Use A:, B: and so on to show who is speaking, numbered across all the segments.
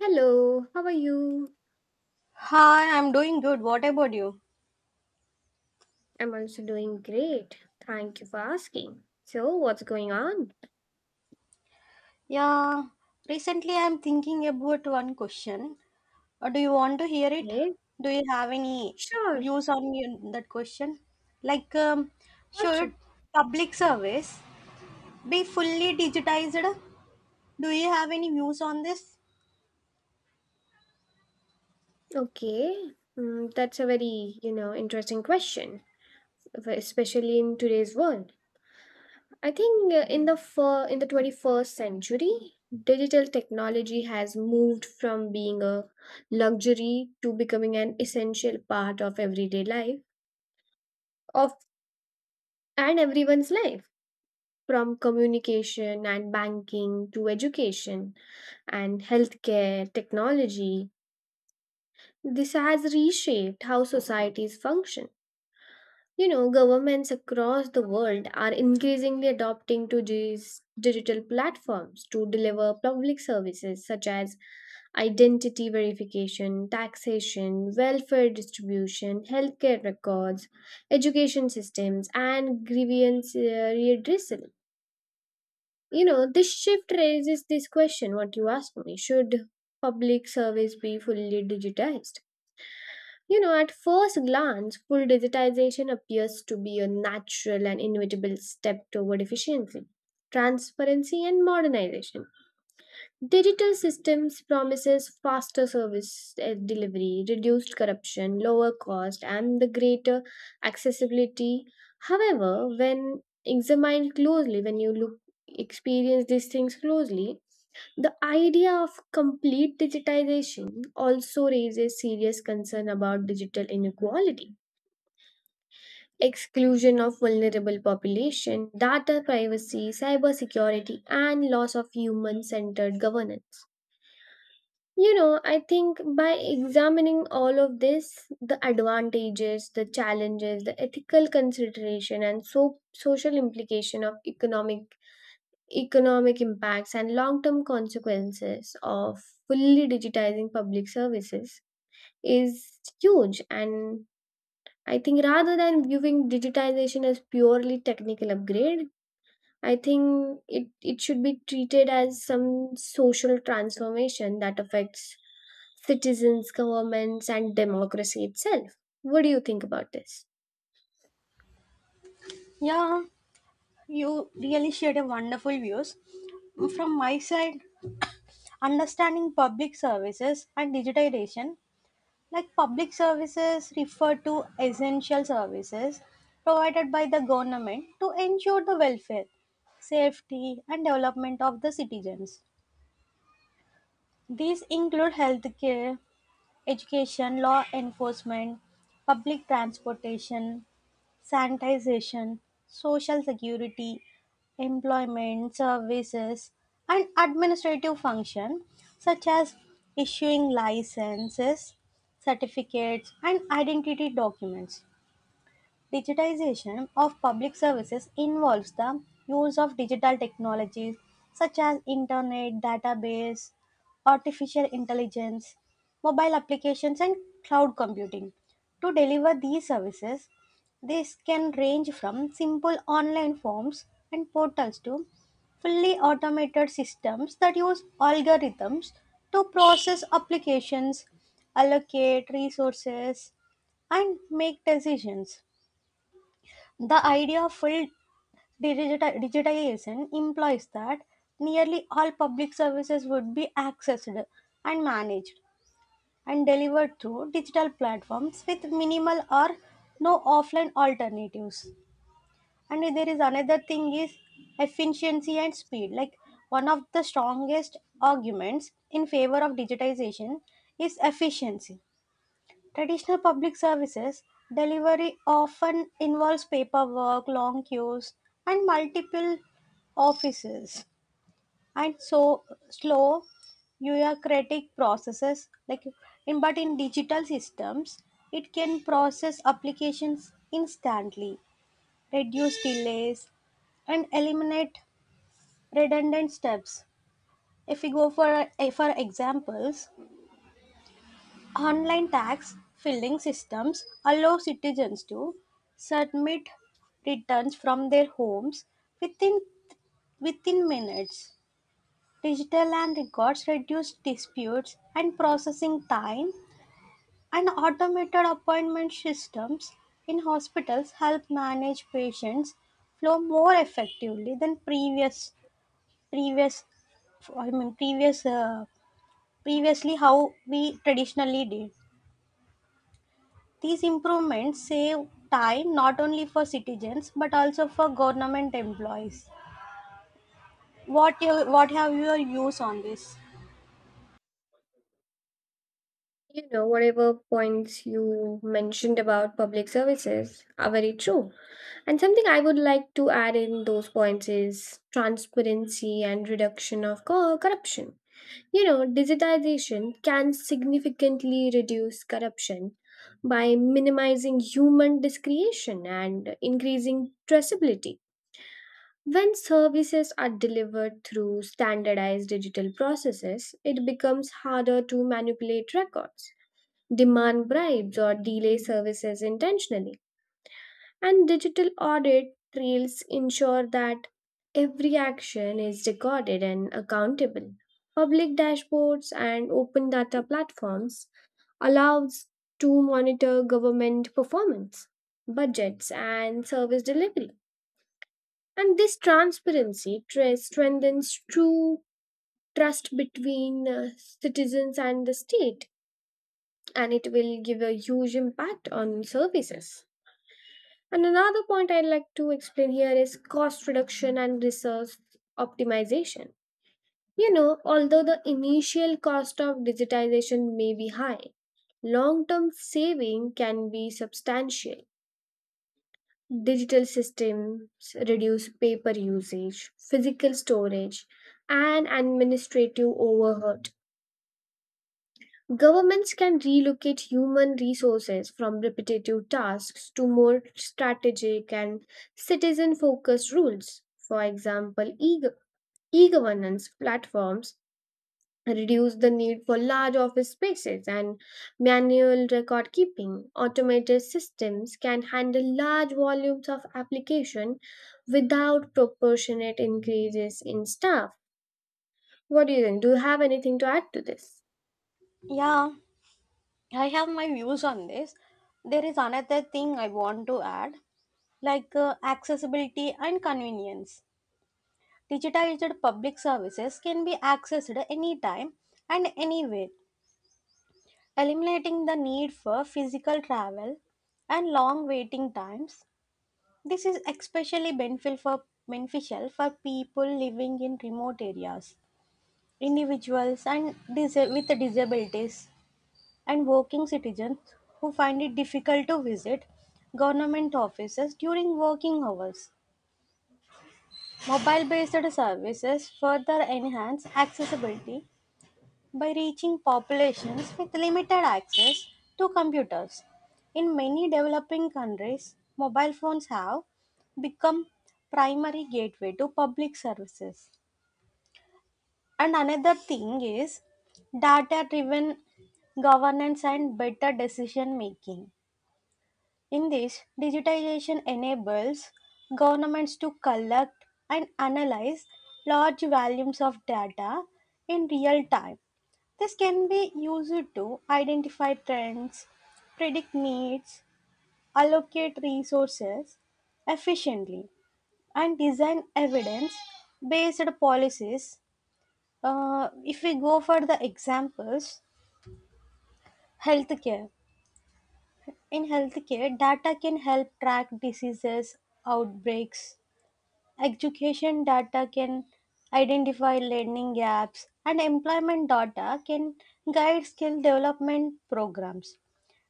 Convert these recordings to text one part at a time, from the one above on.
A: Hello, how are you?
B: Hi, I'm doing good. What about you?
A: I'm also doing great. Thank you for asking. So, what's going on?
B: Yeah, recently I'm thinking about one question. Do you want to hear it?
A: Okay,
B: Do you have any
A: sure.
B: views on that question? Like, um,
A: Question.
B: should public service be fully digitized? Do you have any views on this?
A: Okay, mm, that's a very, interesting question, especially in today's world. I think in the fir- in the 21st century, digital technology has moved from being a luxury to becoming an essential part of everyday life of and everyone's life, from communication and banking to education and healthcare, technology. This has reshaped how societies function. You know, governments across the world are increasingly adopting to these digital platforms to deliver public services such as identity verification, taxation, welfare distribution, healthcare records, education systems, and grievance redressal. You know, this shift raises this question what you asked me: should public service be fully digitized? You know, at first glance, full digitization appears to be a natural and inevitable step toward efficiency, transparency, and modernization. Digital systems promises faster service delivery, reduced corruption, lower cost, and the greater accessibility. However, when examined closely, when you look experience these things closely, the idea of complete digitization also raises serious concern about digital inequality, exclusion of vulnerable population, data privacy, cybersecurity, and loss of human-centered governance. You know, I think by examining all of this, the advantages, the challenges, the ethical consideration and so social implication of economic impacts and long-term consequences of fully digitizing public services is huge, and I think rather than viewing digitization as purely technical upgrade, I think it should be treated as some social transformation that affects citizens, governments, and democracy itself. What do you think about this?
B: Yeah, you really shared a wonderful views. From my side, understanding public services and digitization. Like, public services refer to essential services provided by the government to ensure the welfare, safety, and development of the citizens. These include healthcare, education, law enforcement, public transportation, sanitization, social security, employment services, and administrative function such as issuing licenses, certificates, and identity documents. Digitization of public services involves the use of digital technologies such as internet, database, artificial intelligence, mobile applications, and cloud computing. To deliver these services, this can range from simple online forms and portals to fully automated systems that use algorithms to process applications, allocate resources, and make decisions. The idea of full digitization implies that nearly all public services would be accessed and managed and delivered through digital platforms with minimal or no offline alternatives. And there is another thing is efficiency and speed. Like, one of the strongest arguments in favor of digitization is efficiency. Traditional public services delivery often involves paperwork, long queues, and multiple offices, and so slow bureaucratic processes. But in digital systems, it can process applications instantly, reduce delays, and eliminate redundant steps. If we go for examples, online tax filing systems allow citizens to submit returns from their homes within within minutes. Digital land records reduce disputes and processing time, and automated appointment systems in hospitals help manage patients flow more effectively than previous I mean previous uh, previously how we traditionally did. These improvements save time not only for citizens but also for government employees. What have your views on this?
A: You know, whatever points you mentioned about public services are very true. And something I would like to add in those points is transparency and reduction of corruption. You know, digitization can significantly reduce corruption by minimizing human discretion and increasing traceability. When services are delivered through standardized digital processes, it becomes harder to manipulate records, demand bribes, or delay services intentionally. And digital audit trails ensure that every action is recorded and accountable. Public dashboards and open data platforms allows to monitor government performance, budgets and service delivery. And this transparency strengthens true trust between citizens and the state, and it will give a huge impact on services. And another point I'd like to explain here is cost reduction and resource optimization. You know, although the initial cost of digitization may be high, long term saving can be substantial. Digital systems reduce paper usage, physical storage, and administrative overhead. Governments can relocate human resources from repetitive tasks to more strategic and citizen focused rules. For example, e governance platforms reduce the need for large office spaces and manual record keeping. Automated systems can handle large volumes of application without proportionate increases in staff. What do you think? Do you have anything to add to this?
B: Yeah, I have my views on this. There is another thing I want to add, accessibility and convenience. Digitized public services can be accessed anytime and anywhere, eliminating the need for physical travel and long waiting times. This is especially beneficial for people living in remote areas, individuals with disabilities, and working citizens who find it difficult to visit government offices during working hours. Mobile based services further enhance accessibility by reaching populations with limited access to computers. In many developing countries, mobile phones have become primary gateway to public services. And another thing is data driven governance and better decision making. In this, digitization enables governments to collect and analyze large volumes of data in real time. This can be used to identify trends, predict needs, allocate resources efficiently, and design evidence based policies. If we go for the examples, healthcare. In healthcare, data can help track diseases, outbreaks. Education data can identify learning gaps, and employment data can guide skill development programs.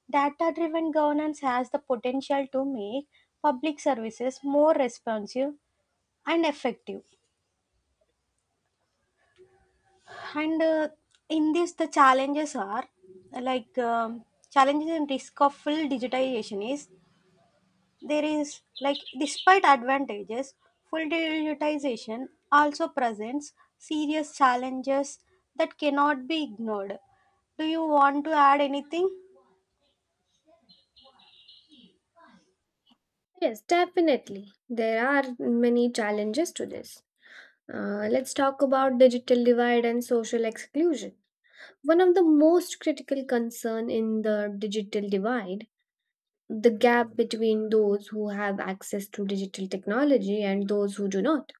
B: Data-driven governance has the potential to make public services more responsive and effective. And in this, the challenges are like um, challenges and risk of full digitization is there is like despite advantages, full digitization also presents serious challenges that cannot be ignored. Do you want to add anything?
A: Yes, definitely. There are many challenges to this. Let's talk about digital divide and social exclusion. One of the most critical concern in the digital divide, the gap between those who have access to digital technology and those who do not.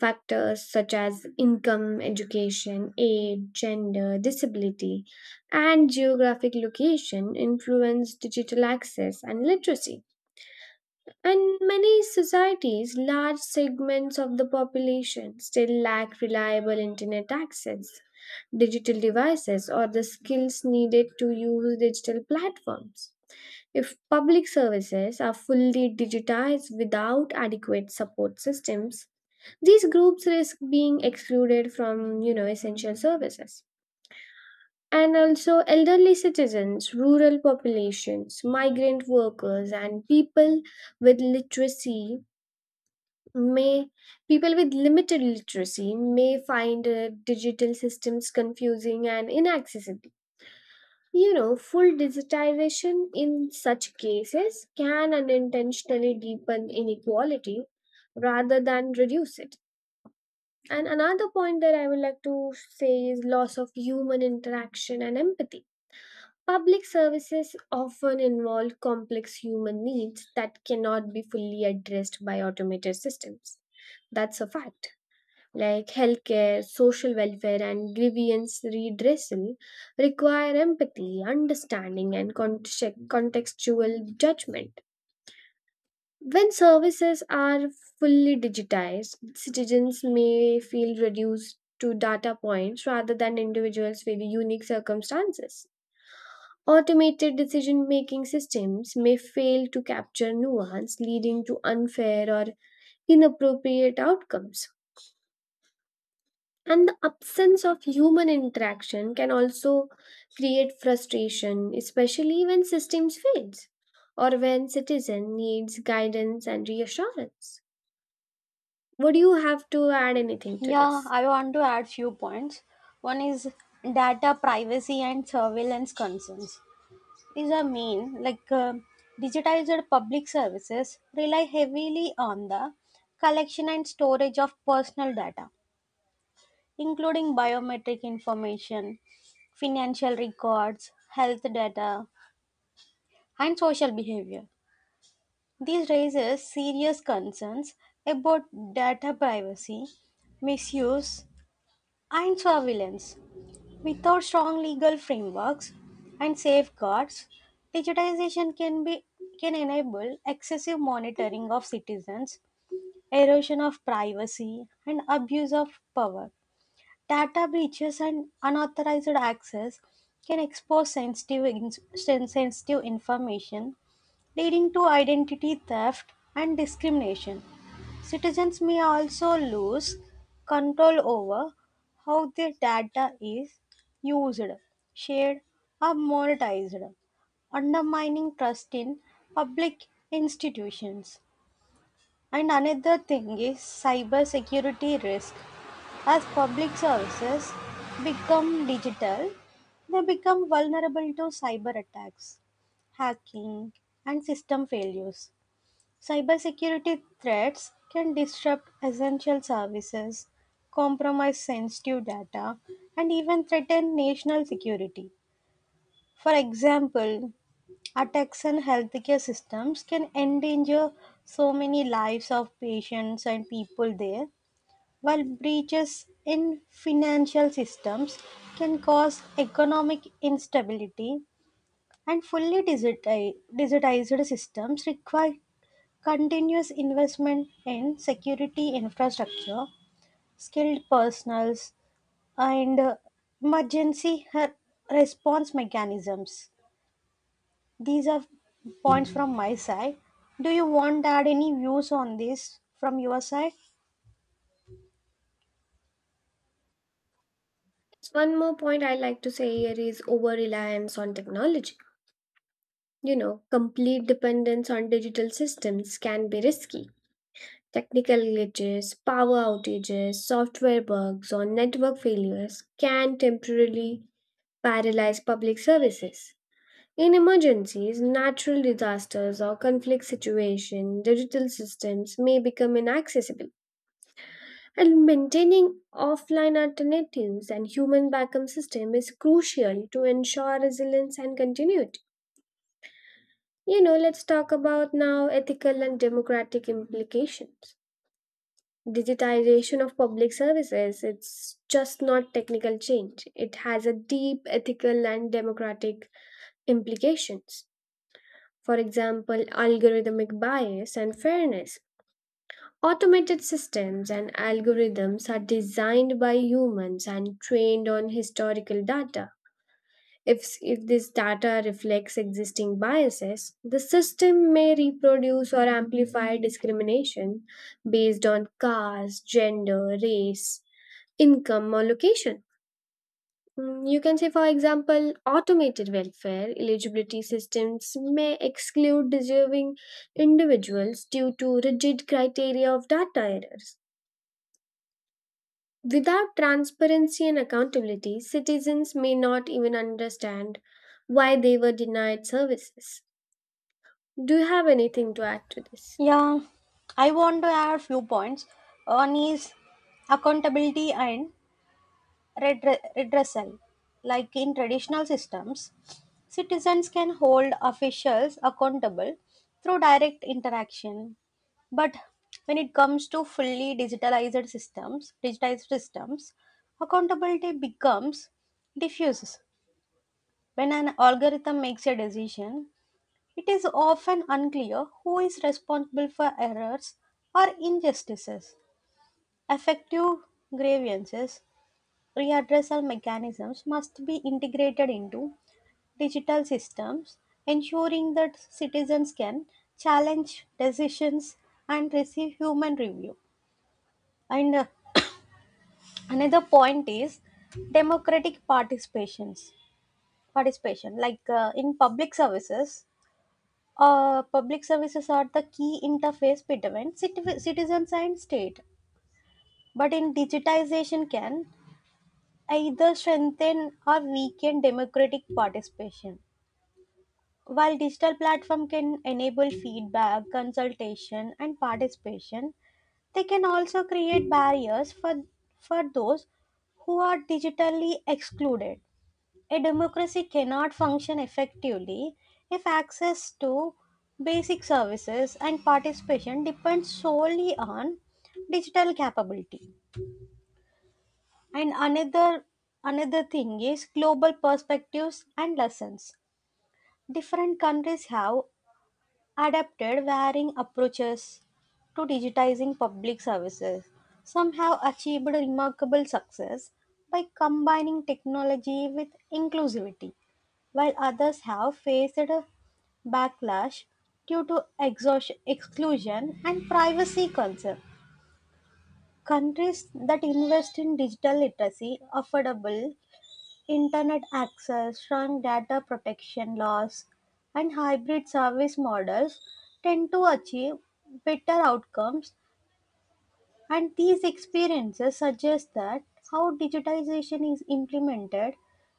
A: Factors such as income, education, age, gender, disability, and geographic location influence digital access and literacy. And many societies, large segments of the population still lack reliable internet access, digital devices, or the skills needed to use digital platforms. If public services are fully digitized without adequate support systems, these groups risk being excluded from, you know, essential services. And also elderly citizens, rural populations, migrant workers, and with literacy may people with limited literacy may find digital systems confusing and inaccessible. You know, full digitization in such cases can unintentionally deepen inequality rather than reduce it. And another point that I would like to say is loss of human interaction and empathy. Public services often involve complex human needs that cannot be fully addressed by automated systems. That's a fact. Like healthcare, social welfare, and grievance redressal require empathy, understanding, and contextual judgment. When services are fully digitized, citizens may feel reduced to data points rather than individuals with unique circumstances. Automated decision making systems may fail to capture nuance, leading to unfair or inappropriate outcomes. And the absence of human interaction can also create frustration, especially when systems fails or when citizen needs guidance and reassurance. Would you have to add anything to
B: Yeah,
A: this?
B: I want to add few points. One is data privacy and surveillance concerns. These are main, digitized public services rely heavily on the collection and storage of personal data, including biometric information, financial records, health data, and social behavior. This raises serious concerns about data privacy, misuse, and surveillance. Without strong legal frameworks and safeguards, digitization can be can enable excessive monitoring of citizens, erosion of privacy, and abuse of power. Data breaches and unauthorized access can expose sensitive information, leading to identity theft and discrimination. Citizens may also lose control over how their data is used, shared, or monetized, undermining trust in public institutions. And another thing is cybersecurity risk. As public services become digital, they become vulnerable to cyber attacks, hacking, and system failures. Cybersecurity threats can disrupt essential services, compromise sensitive data, and even threaten national security. For example, attacks on healthcare systems can endanger so many lives of patients and people there, while breaches in financial systems can cause economic instability, and fully digitized systems require continuous investment in security infrastructure, skilled personnels, and emergency response mechanisms. These are points from my side. Do you want to add any views on this from your side?
A: One more point I like to say here is over reliance on technology. You know, complete dependence on digital systems can be risky. Technical glitches, power outages, software bugs, or network failures can temporarily paralyze public services. In emergencies, natural disasters, or conflict situations, digital systems may become inaccessible. And maintaining offline alternatives and human backup system is crucial to ensure resilience and continuity. You know, let's talk about now ethical and democratic implications. Digitization of public services, it's just not technical change. It has a deep ethical and democratic implications. For example, algorithmic bias and fairness. Automated systems and algorithms are designed by humans and trained on historical data. If this data reflects existing biases, the system may reproduce or amplify discrimination based on caste, gender, race, income, or location. You can say, for example, automated welfare eligibility systems may exclude deserving individuals due to rigid criteria of data errors. Without transparency and accountability, citizens may not even understand why they were denied services. Do you have anything to add to this?
B: Yeah, I want to add few points. One is accountability and redressal. Like, in traditional systems, citizens can hold officials accountable through direct interaction. But when it comes to digitized systems, accountability becomes diffuse. When an algorithm makes a decision, it is often unclear who is responsible for errors or injustices. Effective grievances readdressal mechanisms must be integrated into digital systems, ensuring that citizens can challenge decisions and receive human review. And another point is democratic participations. Participation, public services are the key interface between citizens and state. But in digitization, can either strengthen or weaken democratic participation. While digital platform can enable feedback, consultation, and participation, they can also create barriers for those who are digitally excluded. A democracy cannot function effectively if access to basic services and participation depends solely on digital capability. And another Another thing is global perspectives and lessons. Different countries have adapted varying approaches to digitizing public services. Some have achieved remarkable success by combining technology with inclusivity, while others have faced a backlash due to exclusion and privacy concerns. Countries that invest in digital literacy, affordable Internet access, strong data protection laws, and hybrid service models tend to achieve better outcomes, and these experiences suggest that how digitization is implemented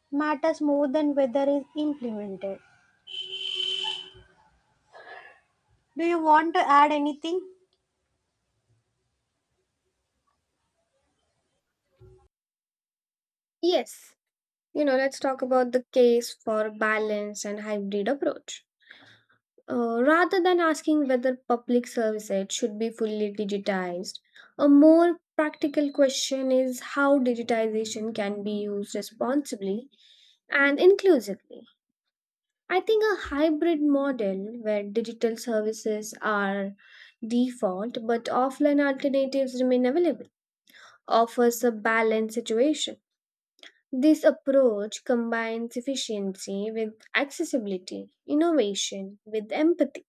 B: matters more than whether it's implemented. Do you want to add anything?
A: Yes. You know, let's talk about the case for balance and hybrid approach. Rather than asking whether public service aid should be fully digitized, a more practical question is how digitization can be used responsibly and inclusively. I think a hybrid model where digital services are default but offline alternatives remain available offers a balanced situation. This approach combines efficiency with accessibility, innovation with empathy,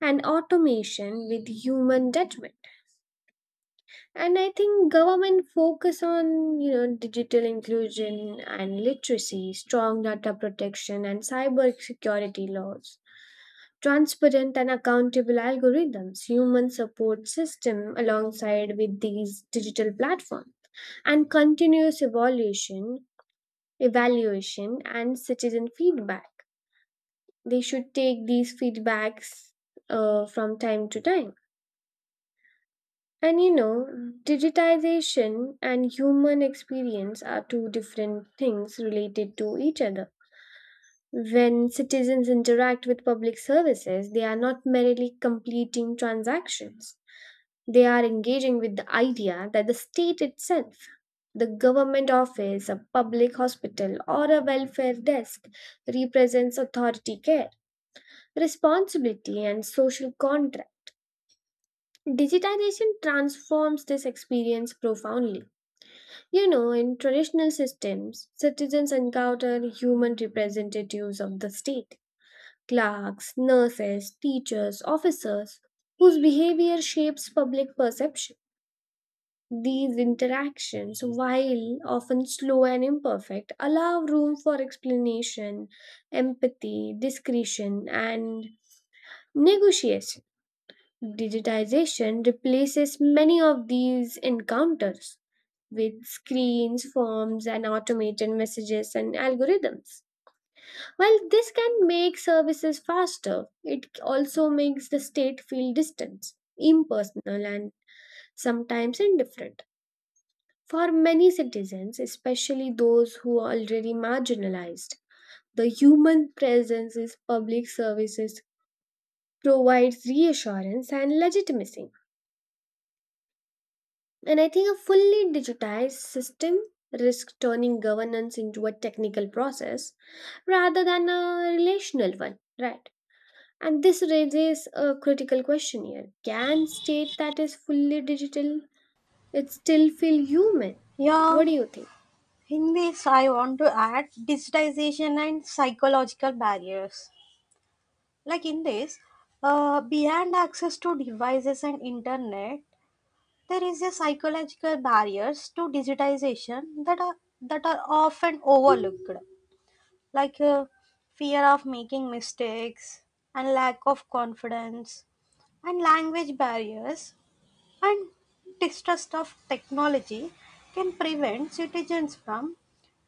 A: and automation with human judgment. And I think government focus on, you know, digital inclusion and literacy, strong data protection and cyber security laws, transparent and accountable algorithms, human support system alongside with these digital platforms, and continuous evaluation and citizen feedback. They should take these feedbacks from time to time. And you know, digitization and human experience are two different things related to each other. When citizens interact with public services, they are not merely completing transactions. They are engaging with the idea that the state itself, the government office, a public hospital, or a welfare desk represents authority care, responsibility, and social contract. Digitization transforms this experience profoundly. You know, in traditional systems, citizens encounter human representatives of the state, clerks, nurses, teachers, officers, whose behavior shapes public perception. These interactions, while often slow and imperfect, allow room for explanation, empathy, discretion, and negotiation. Digitization replaces many of these encounters with screens, forms, and automated messages and algorithms. While this can make services faster, it also makes the state feel distant, impersonal, and sometimes indifferent. For many citizens, especially those who are already marginalized, the human presence in public services provides reassurance and legitimacy. And I think a fully digitized system risks turning governance into a technical process rather than a relational one, right? And this raises a critical question here. Can state that is fully digital it still feel human?
B: Yeah,
A: What do you think?
B: in this, I want to add digitization and psychological barriers. Like, in this, beyond access to devices and internet, there is a psychological barriers to digitization that are often overlooked, like uh, fear of making mistakes and lack of confidence, and language barriers and distrust of technology can prevent citizens from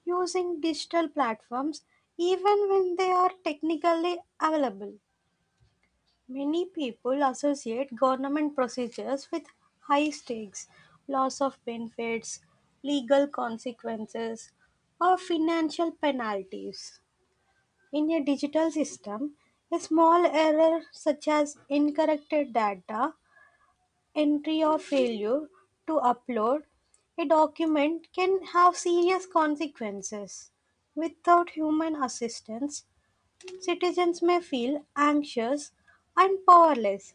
B: using digital platforms even when they are technically available. Many people associate government procedures with high stakes, loss of benefits, legal consequences, or financial penalties. In a digital system, a small error such as incorrect data, entry, or failure to upload a document can have serious consequences. Without human assistance, citizens may feel anxious and powerless.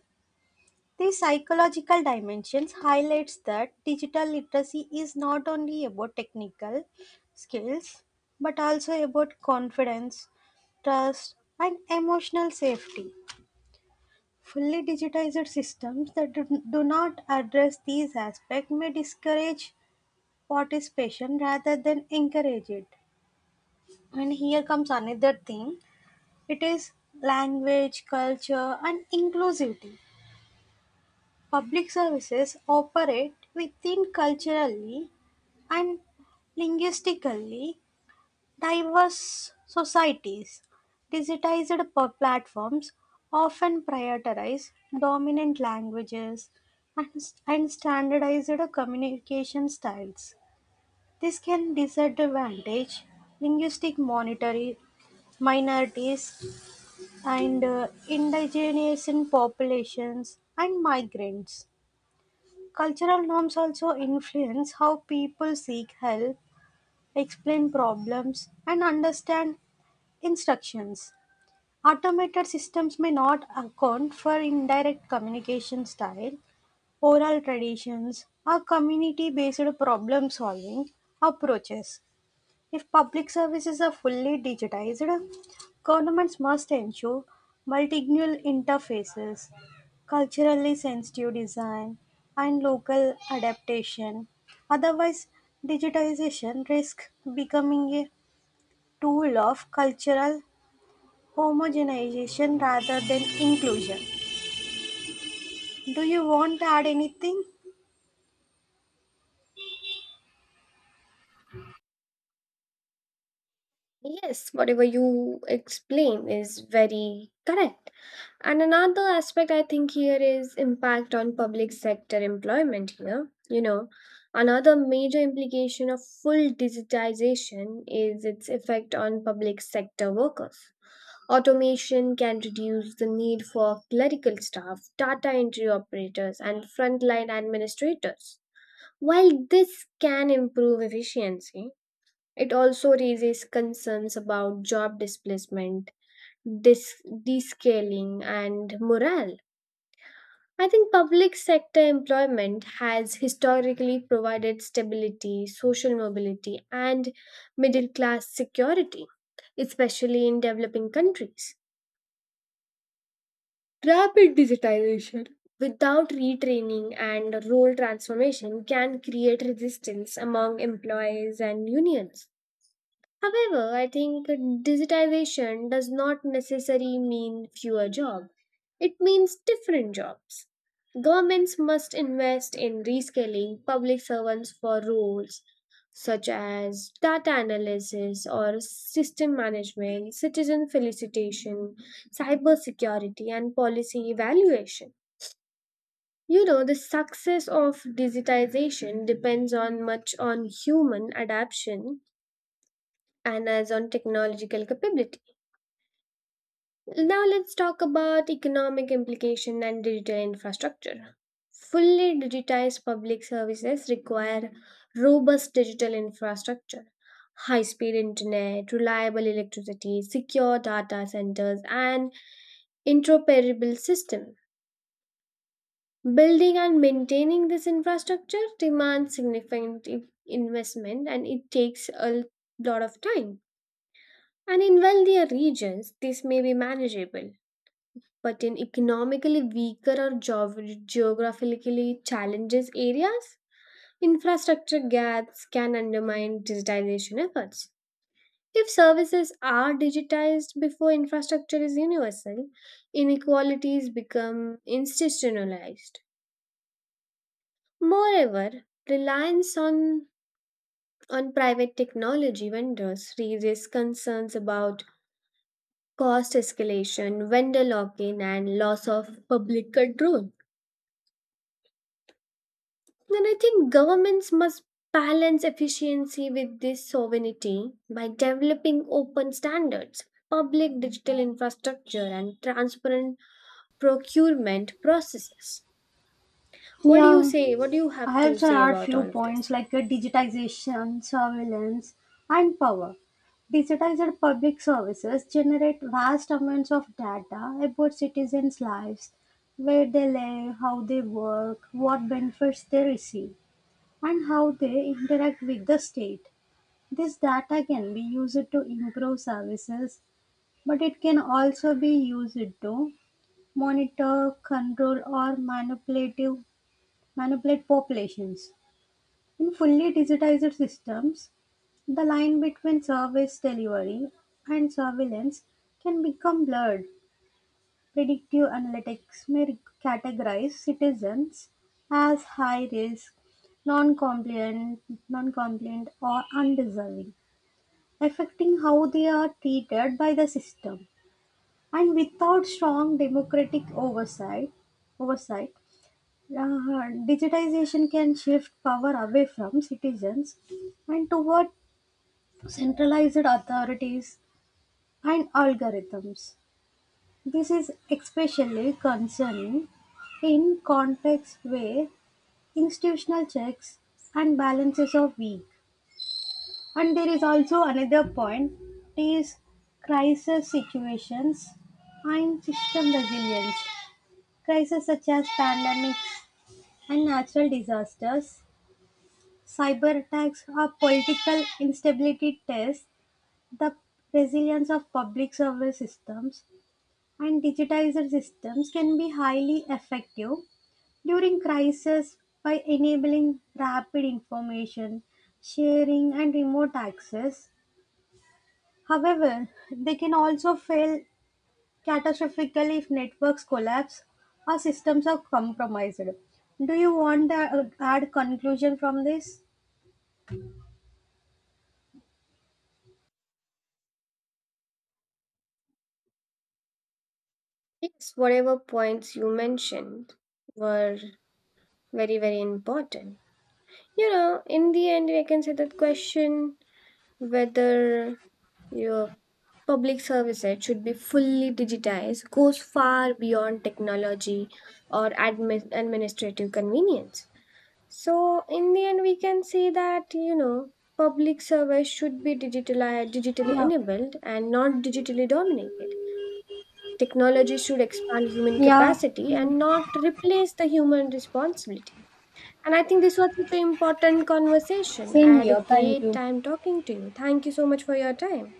B: The psychological dimensions highlights that digital literacy is not only about technical skills but also about confidence, trust, and emotional safety. Fully digitized systems that do not address these aspects may discourage participation rather than encourage it. And here comes another thing, it is language, culture, and inclusivity. Public services operate within culturally and linguistically diverse societies. Digitized platforms often prioritize dominant languages and, and standardized communication styles. This can disadvantage linguistic monitoring minorities and indigenous populations and migrants. Cultural norms also influence how people seek help, explain problems, and understand instructions. Automated systems may not account for indirect communication style, oral traditions, or community based problem solving approaches. If public services are fully digitized, governments must ensure multilingual interfaces, culturally sensitive design, and local adaptation. Otherwise, digitization risks becoming a tool of cultural homogenization rather than inclusion. Do you want to add anything?
A: Yes, whatever you explain is very correct. And another aspect I think here is impact on public sector employment here. You know, another major implication of full digitization is its effect on public sector workers. Automation can reduce the need for clerical staff, data entry operators, and frontline administrators. While this can improve efficiency, it also raises concerns about job displacement, descaling, and morale. I think public sector employment has historically provided stability, social mobility, and middle class security, especially in developing countries. Rapid digitization without retraining and role transformation can create resistance among employees and unions. However, I think digitization does not necessarily mean fewer jobs. It means different jobs. Governments must invest in reskilling public servants for roles such as data analysis or system management, citizen felicitation, cybersecurity, and policy evaluation. You know, the success of digitization depends on much on human adaptation and as on technological capability. Now let's talk about economic implication and digital infrastructure. Fully digitized public services require robust digital infrastructure, high speed internet, reliable electricity, secure data centers, and interoperable system. Building and maintaining this infrastructure demands significant investment and it takes a lot of time. And in wealthier regions, this may be manageable, but in economically weaker or geographically challenged areas, infrastructure gaps can undermine digitization efforts. If services are digitized before infrastructure is universal, inequalities become institutionalized. Moreover, reliance on private technology vendors raises concerns about cost escalation, vendor lock in, and loss of public control. And I think governments must balance efficiency with this sovereignty by developing open standards, public digital infrastructure, and transparent procurement processes. What do you
B: Yeah,
A: say? What do you have
B: I
A: to
B: have there
A: say
B: are
A: about
B: few
A: all of this?
B: points digitization, surveillance, and power. Digitized public services generate vast amounts of data about citizens' lives, where they live, how they work, what benefits they receive, and how they interact with the state. This data can be used to improve services, but it can also be used to monitor, control, or manipulative, manipulate populations. In fully digitized systems, the line between service delivery and surveillance can become blurred. Predictive analytics may categorize citizens as high risk, non-compliant, non-compliant or undeserving, affecting how they are treated by the system. And without strong democratic oversight, oversight digitization can shift power away from citizens and toward centralized authorities and algorithms. This is especially concerning in contexts where institutional checks and balances are weak. And there is also another point is crisis situations and system resilience. Crises such as pandemics and natural disasters, cyber attacks are political instability tests the resilience of public service systems, and digitizer systems can be highly effective during crisis by enabling rapid information sharing and remote access. However, they can also fail catastrophically if networks collapse or systems are compromised. Do you want to add conclusion from this?
A: Yes, whatever points you mentioned were very, very important. You know, in the end, I can say that question whether your public services should be fully digitized goes far beyond technology or admin, administrative convenience. So, in the end, we can say that, you know, public service should be digitalized, digitally
B: Yeah.
A: enabled, and not digitally dominated. Technology should expand human
B: Yeah.
A: capacity and not replace the human responsibility. And I think this was such an important conversation. I
B: 心里
A: had a
B: 有担
A: great
B: 忧。
A: time talking to you. Thank you so much for your time.